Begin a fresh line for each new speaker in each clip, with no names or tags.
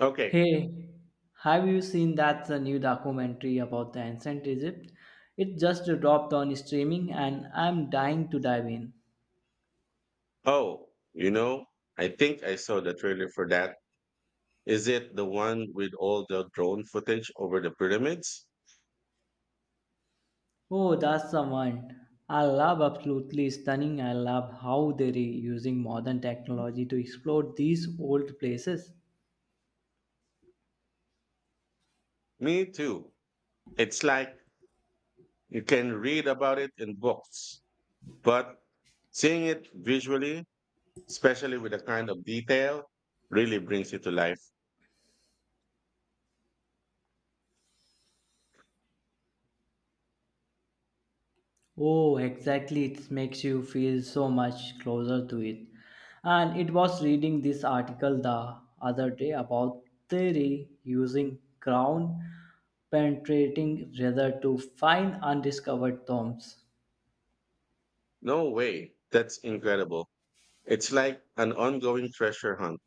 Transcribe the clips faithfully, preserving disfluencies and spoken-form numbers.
Okay.
Hey, have you seen that uh, new documentary about the ancient Egypt? It just dropped on streaming and I'm dying to dive in.
Oh, you know, I think I saw the trailer for that. Is it the one with all the drone footage over the pyramids?
Oh, that's the one. I love absolutely stunning. I love how they're using modern technology to explore these old places.
Me too. It's like you can read about it in books, but seeing it visually, especially with the kind of detail, really brings it to life.
Oh, exactly. It makes you feel so much closer to it. And it was reading this article the other day about theory using ground penetrating radar to find undiscovered tombs.
No way. That's incredible. It's like an ongoing treasure hunt,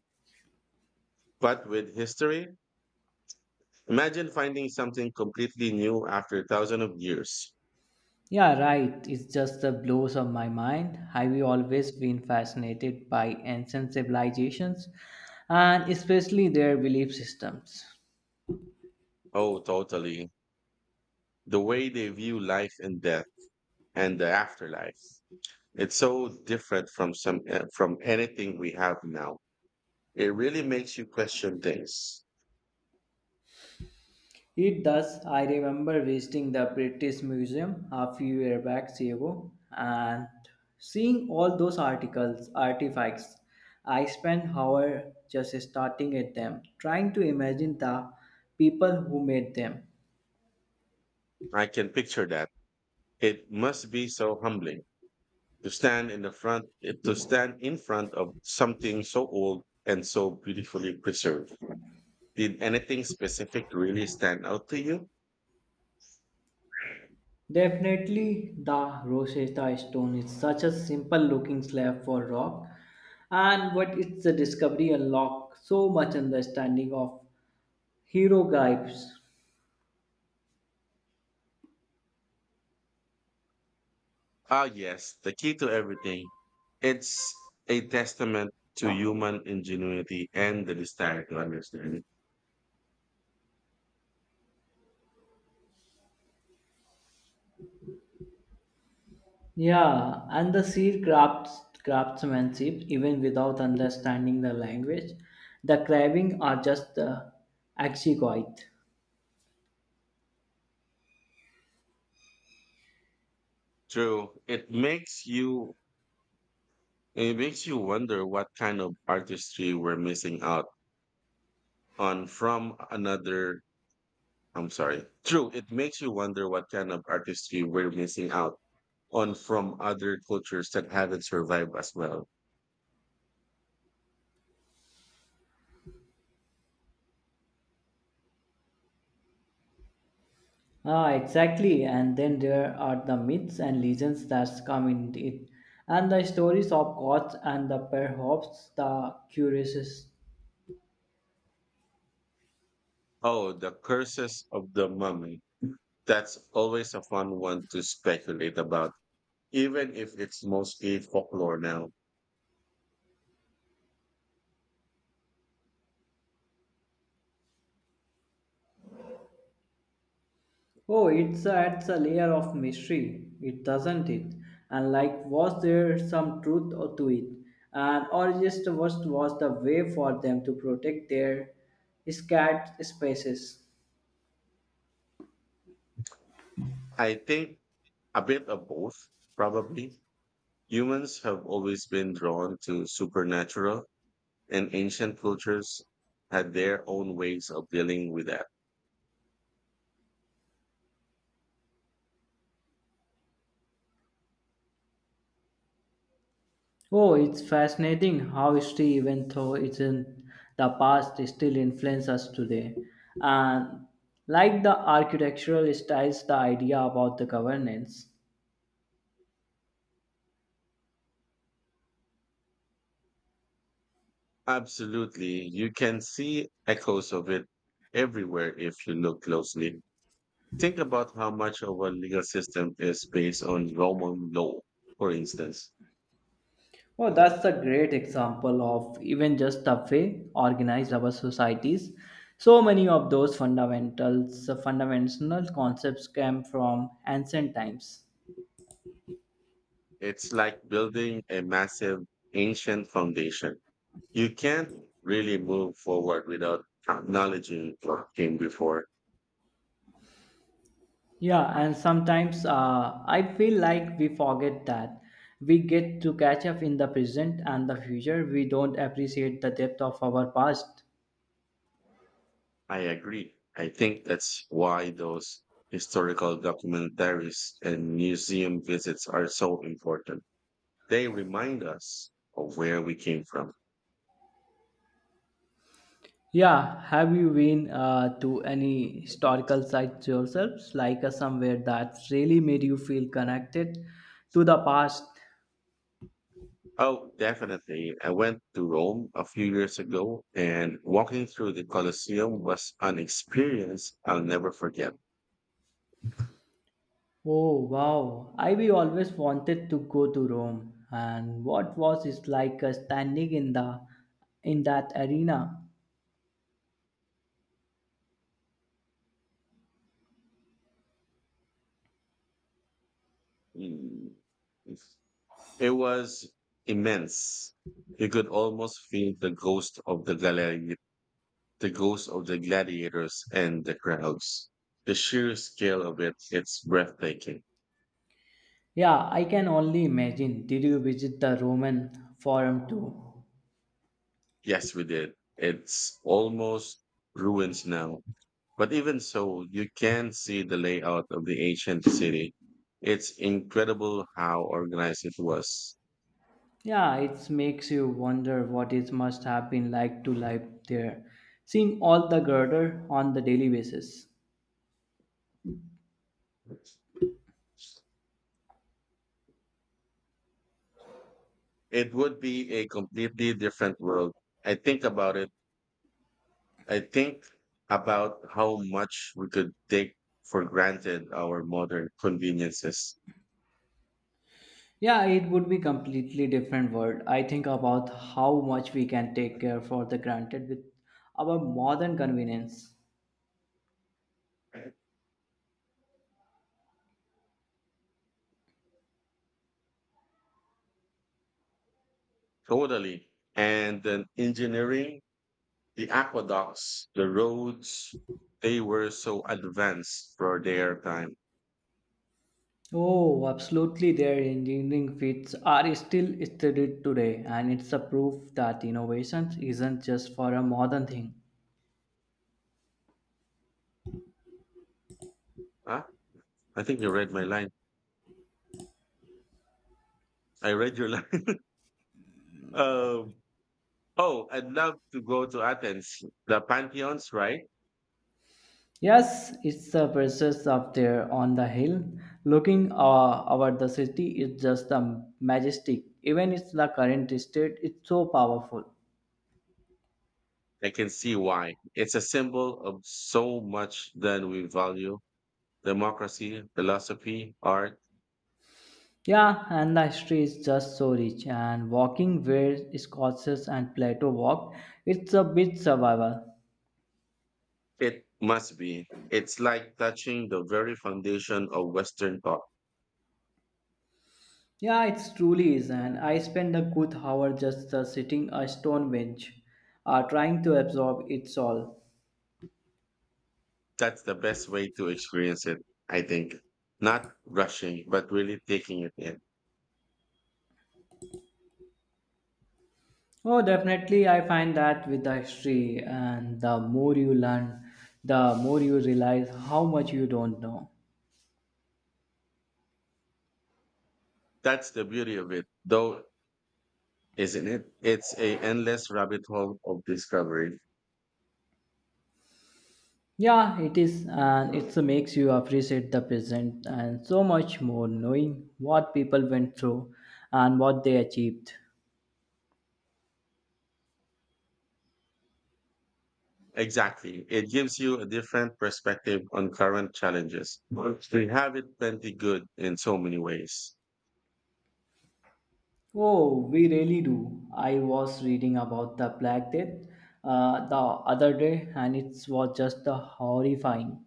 but with history. Imagine finding something completely new after thousands of years.
Yeah, right. It's just the blows of my mind. Have you always been fascinated by ancient civilizations and especially their belief systems?
Oh, totally. The way they view life and death and the afterlife. It's so different from some uh, from anything we have now. It really makes you question things.
It does. I remember visiting the British Museum a few years back ago and seeing all those articles, artifacts. I spent hours just starting at them, trying to imagine the people who made them.
I can picture that. It must be so humbling to stand in the front eh, to stand in front of something so old and so beautifully preserved. Did anything specific really stand out to you?
Definitely, the Rosetta Stone is such a simple looking slab for rock, and what its discovery unlocked so much understanding of hieroglyphs.
Ah, yes, the key to everything. It's a testament to human ingenuity and the desire to understand.
Yeah, and the sea crafts craftsmanship, even without understanding the language, the craving are just the exquisite.
True, it makes you it makes you wonder what kind of artistry we're missing out on from another. I'm sorry. True, it makes you wonder what kind of artistry we're missing out on from other cultures that haven't survived as well.
Ah, exactly. And then there are the myths and legends that come in it, and the stories of gods and the perhaps the curious.
Oh, the curses of the mummy. That's always a fun one to speculate about even if it's mostly folklore now.
Oh, it's adds a layer of mystery, it doesn't it? And like, was there some truth or to it? And or just what was the way for them to protect their scarce spaces?
I think a bit of both, probably. Humans have always been drawn to supernatural, and ancient cultures had their own ways of dealing with.
Oh, it's fascinating how history, even though it's in the past, it still influences us today. And like the architectural styles, the idea about the governance.
Absolutely. You can see echoes of it everywhere if you look closely. Think about how much of our legal system is based on Roman law, for instance.
Well, that's a great example of even just the way organized our societies. So many of those fundamentals, uh, fundamental concepts came from ancient times.
It's like building a massive ancient foundation. You can't really move forward without acknowledging what came before.
Yeah, and sometimes uh, I feel like we forget that we get to catch up in the present and the future. We don't appreciate the depth of our past.
I agree. I think that's why those historical documentaries and museum visits are so important. They remind us of where we came from.
Yeah, have you been uh, to any historical sites yourselves, like uh, somewhere that really made you feel connected to the past?
Oh, definitely. I went to Rome a few years ago, and walking through the Colosseum was an experience I'll never forget.
Oh wow, I we always wanted to go to Rome, and what was it like uh, standing in the in that arena?
Mm. It was immense. You could almost feel the ghost of the gladiator, the ghost of the gladiators and the crowds. The sheer scale of it, it's breathtaking.
Yeah, I can only imagine. Did you visit the Roman Forum too?
Yes, we did. It's almost ruins now. But even so, you can see the layout of the ancient city. It's incredible how organized it was.
Yeah, it makes you wonder what it must have been like to live there, seeing all the girder on the daily basis.
It would be a completely different world. I think about it I think about how much we could take for granted our modern conveniences.
Yeah, it would be completely different world. I think about how much we can take care for the granted with our modern convenience.
Totally. And then engineering, the aqueducts, the roads, they were so advanced for their time.
Oh, absolutely. Their engineering feats are still studied today, and it's a proof that innovation isn't just for a modern thing.
Huh? I think you read my line. I read your line. um, oh, I'd love to go to Athens. The Pantheons, right?
Yes, it's the presence up there on the hill. Looking uh, over the city is just the majestic. Even it's the current state, it's so powerful.
I can see why. It's a symbol of so much that we value: democracy, philosophy, art.
Yeah, and the history is just so rich. And walking where Scotus and Plato walked, it's a bit survival.
It must be. It's like touching the very foundation of Western thought.
Yeah, it truly is. And I spend a good hour just uh, sitting a stone bench, uh, trying to absorb it all.
That's the best way to experience it, I think. Not rushing, but really taking it in.
Oh, definitely. I find that with the history, and the more you learn, the more you realize how much you don't know.
That's the beauty of it, though, isn't it? It's a endless rabbit hole of discovery.
Yeah, it is, and it makes you appreciate the present and so much more knowing what people went through and what they achieved.
Exactly. It gives you a different perspective on current challenges. We have it plenty good in so many ways.
Oh, we really do. I was reading about the Black Death uh, the other day, and it was just uh, horrifying.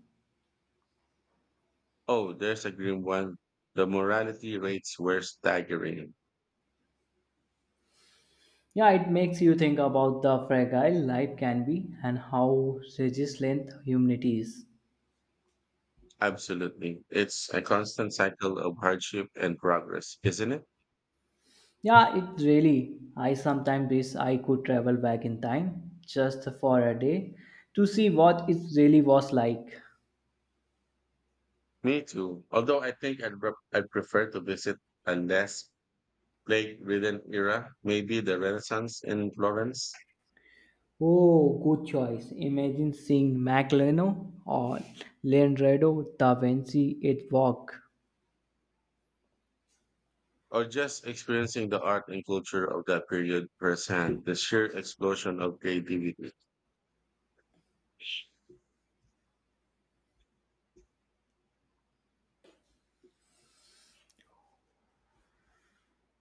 Oh, there's a grim one. The morality rates were staggering.
Yeah, it makes you think about the fragile life can be and how resilient humanity is.
Absolutely. It's a constant cycle of hardship and progress, isn't it?
Yeah, it really. I sometimes wish I could travel back in time just for a day to see what it really was like.
Me too. Although I think I'd, re- I'd prefer to visit a less plague ridden era, maybe the Renaissance in Florence,
Oh, good choice. Imagine seeing Magellan or Leonardo da Vinci at work.
or just experiencing the art and culture of that period firsthand, the sheer explosion of creativity.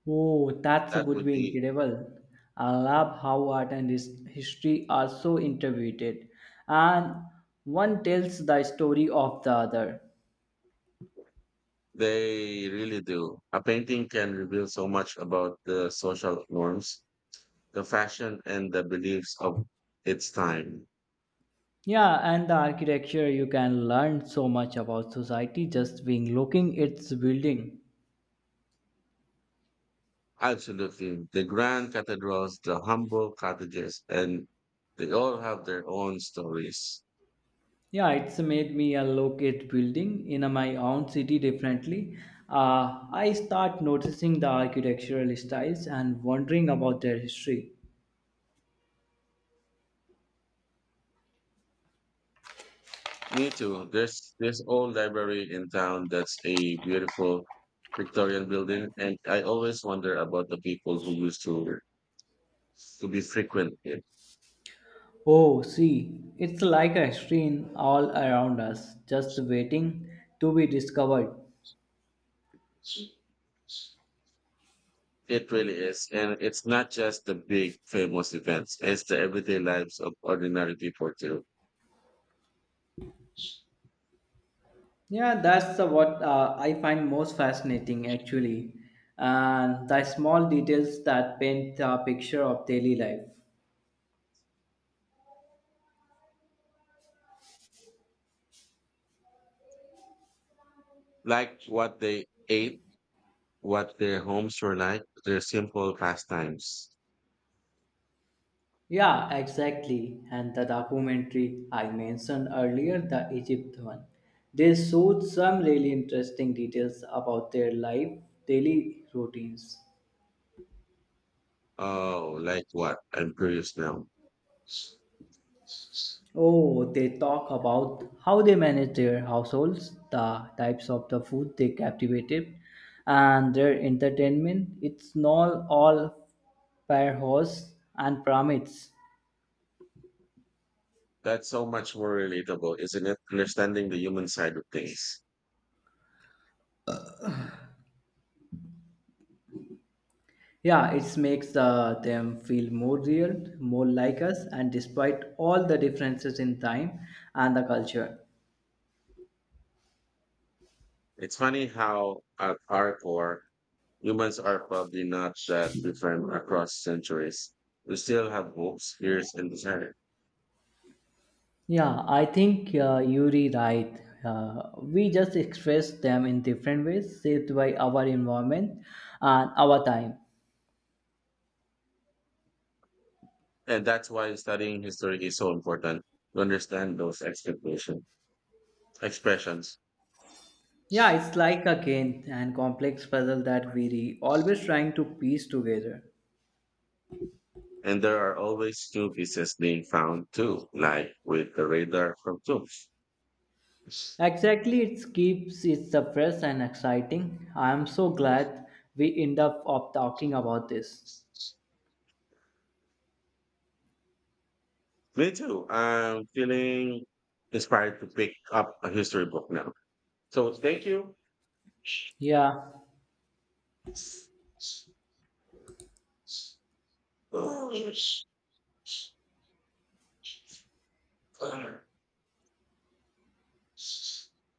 Oh, that
That
would
would
be
be,
incredible. I love how art and his- history are so intertwined, and one tells the story of the other.
they really do. A painting can reveal so much about the social norms, the fashion, and the beliefs of its time.
Yeah, and the architecture you can learn so much about society just being looking its building.
Absolutely. The grand cathedrals, the humble cottages, and they all have their own stories.
Yeah, it's made me a look at building in my own city differently. Uh, I start noticing the architectural styles and wondering about their history.
Me too. There's this old library in town that's a beautiful Victorian building, and I always wonder about the people who used to to be frequent it.
Oh, see, it's like a stream all around us, just waiting to be discovered.
It really is, and it's not just the big famous events; it's the everyday lives of ordinary people too,
Yeah, that's uh, what uh, I find most fascinating actually, and the small details that paint a picture of daily life.
like what they ate, what their homes were like, their simple pastimes.
Yeah, exactly. And the documentary I mentioned earlier, the Egypt one, they showed some really interesting details about their life, daily routines.
Oh, like what? I'm curious now.
Oh, they talk about how they manage their households, the types of the food they captivated, and their entertainment. It's not all firehose and pyramids.
That's so much more relatable, isn't it? Understanding the human side of things.
Yeah, it makes the, them feel more real, more like us, and despite all the differences in time and the culture.
It's funny how, at our core, humans are probably not that different across centuries. We still have hopes, fears, and desire.
Yeah, I think uh, you right. Uh, we just express them in different ways, shaped by our environment and our time.
And that's why studying history is so important to understand those expectation expressions.
Yeah, it's like a game and complex puzzle that we are always trying to piece together.
And there are always new pieces being found too, like with the radar from Tomb.
Exactly, it keeps it fresh and exciting. I am so glad we end up of talking about this.
Me too. I'm feeling inspired to pick up a history book now. So thank you.
Yeah.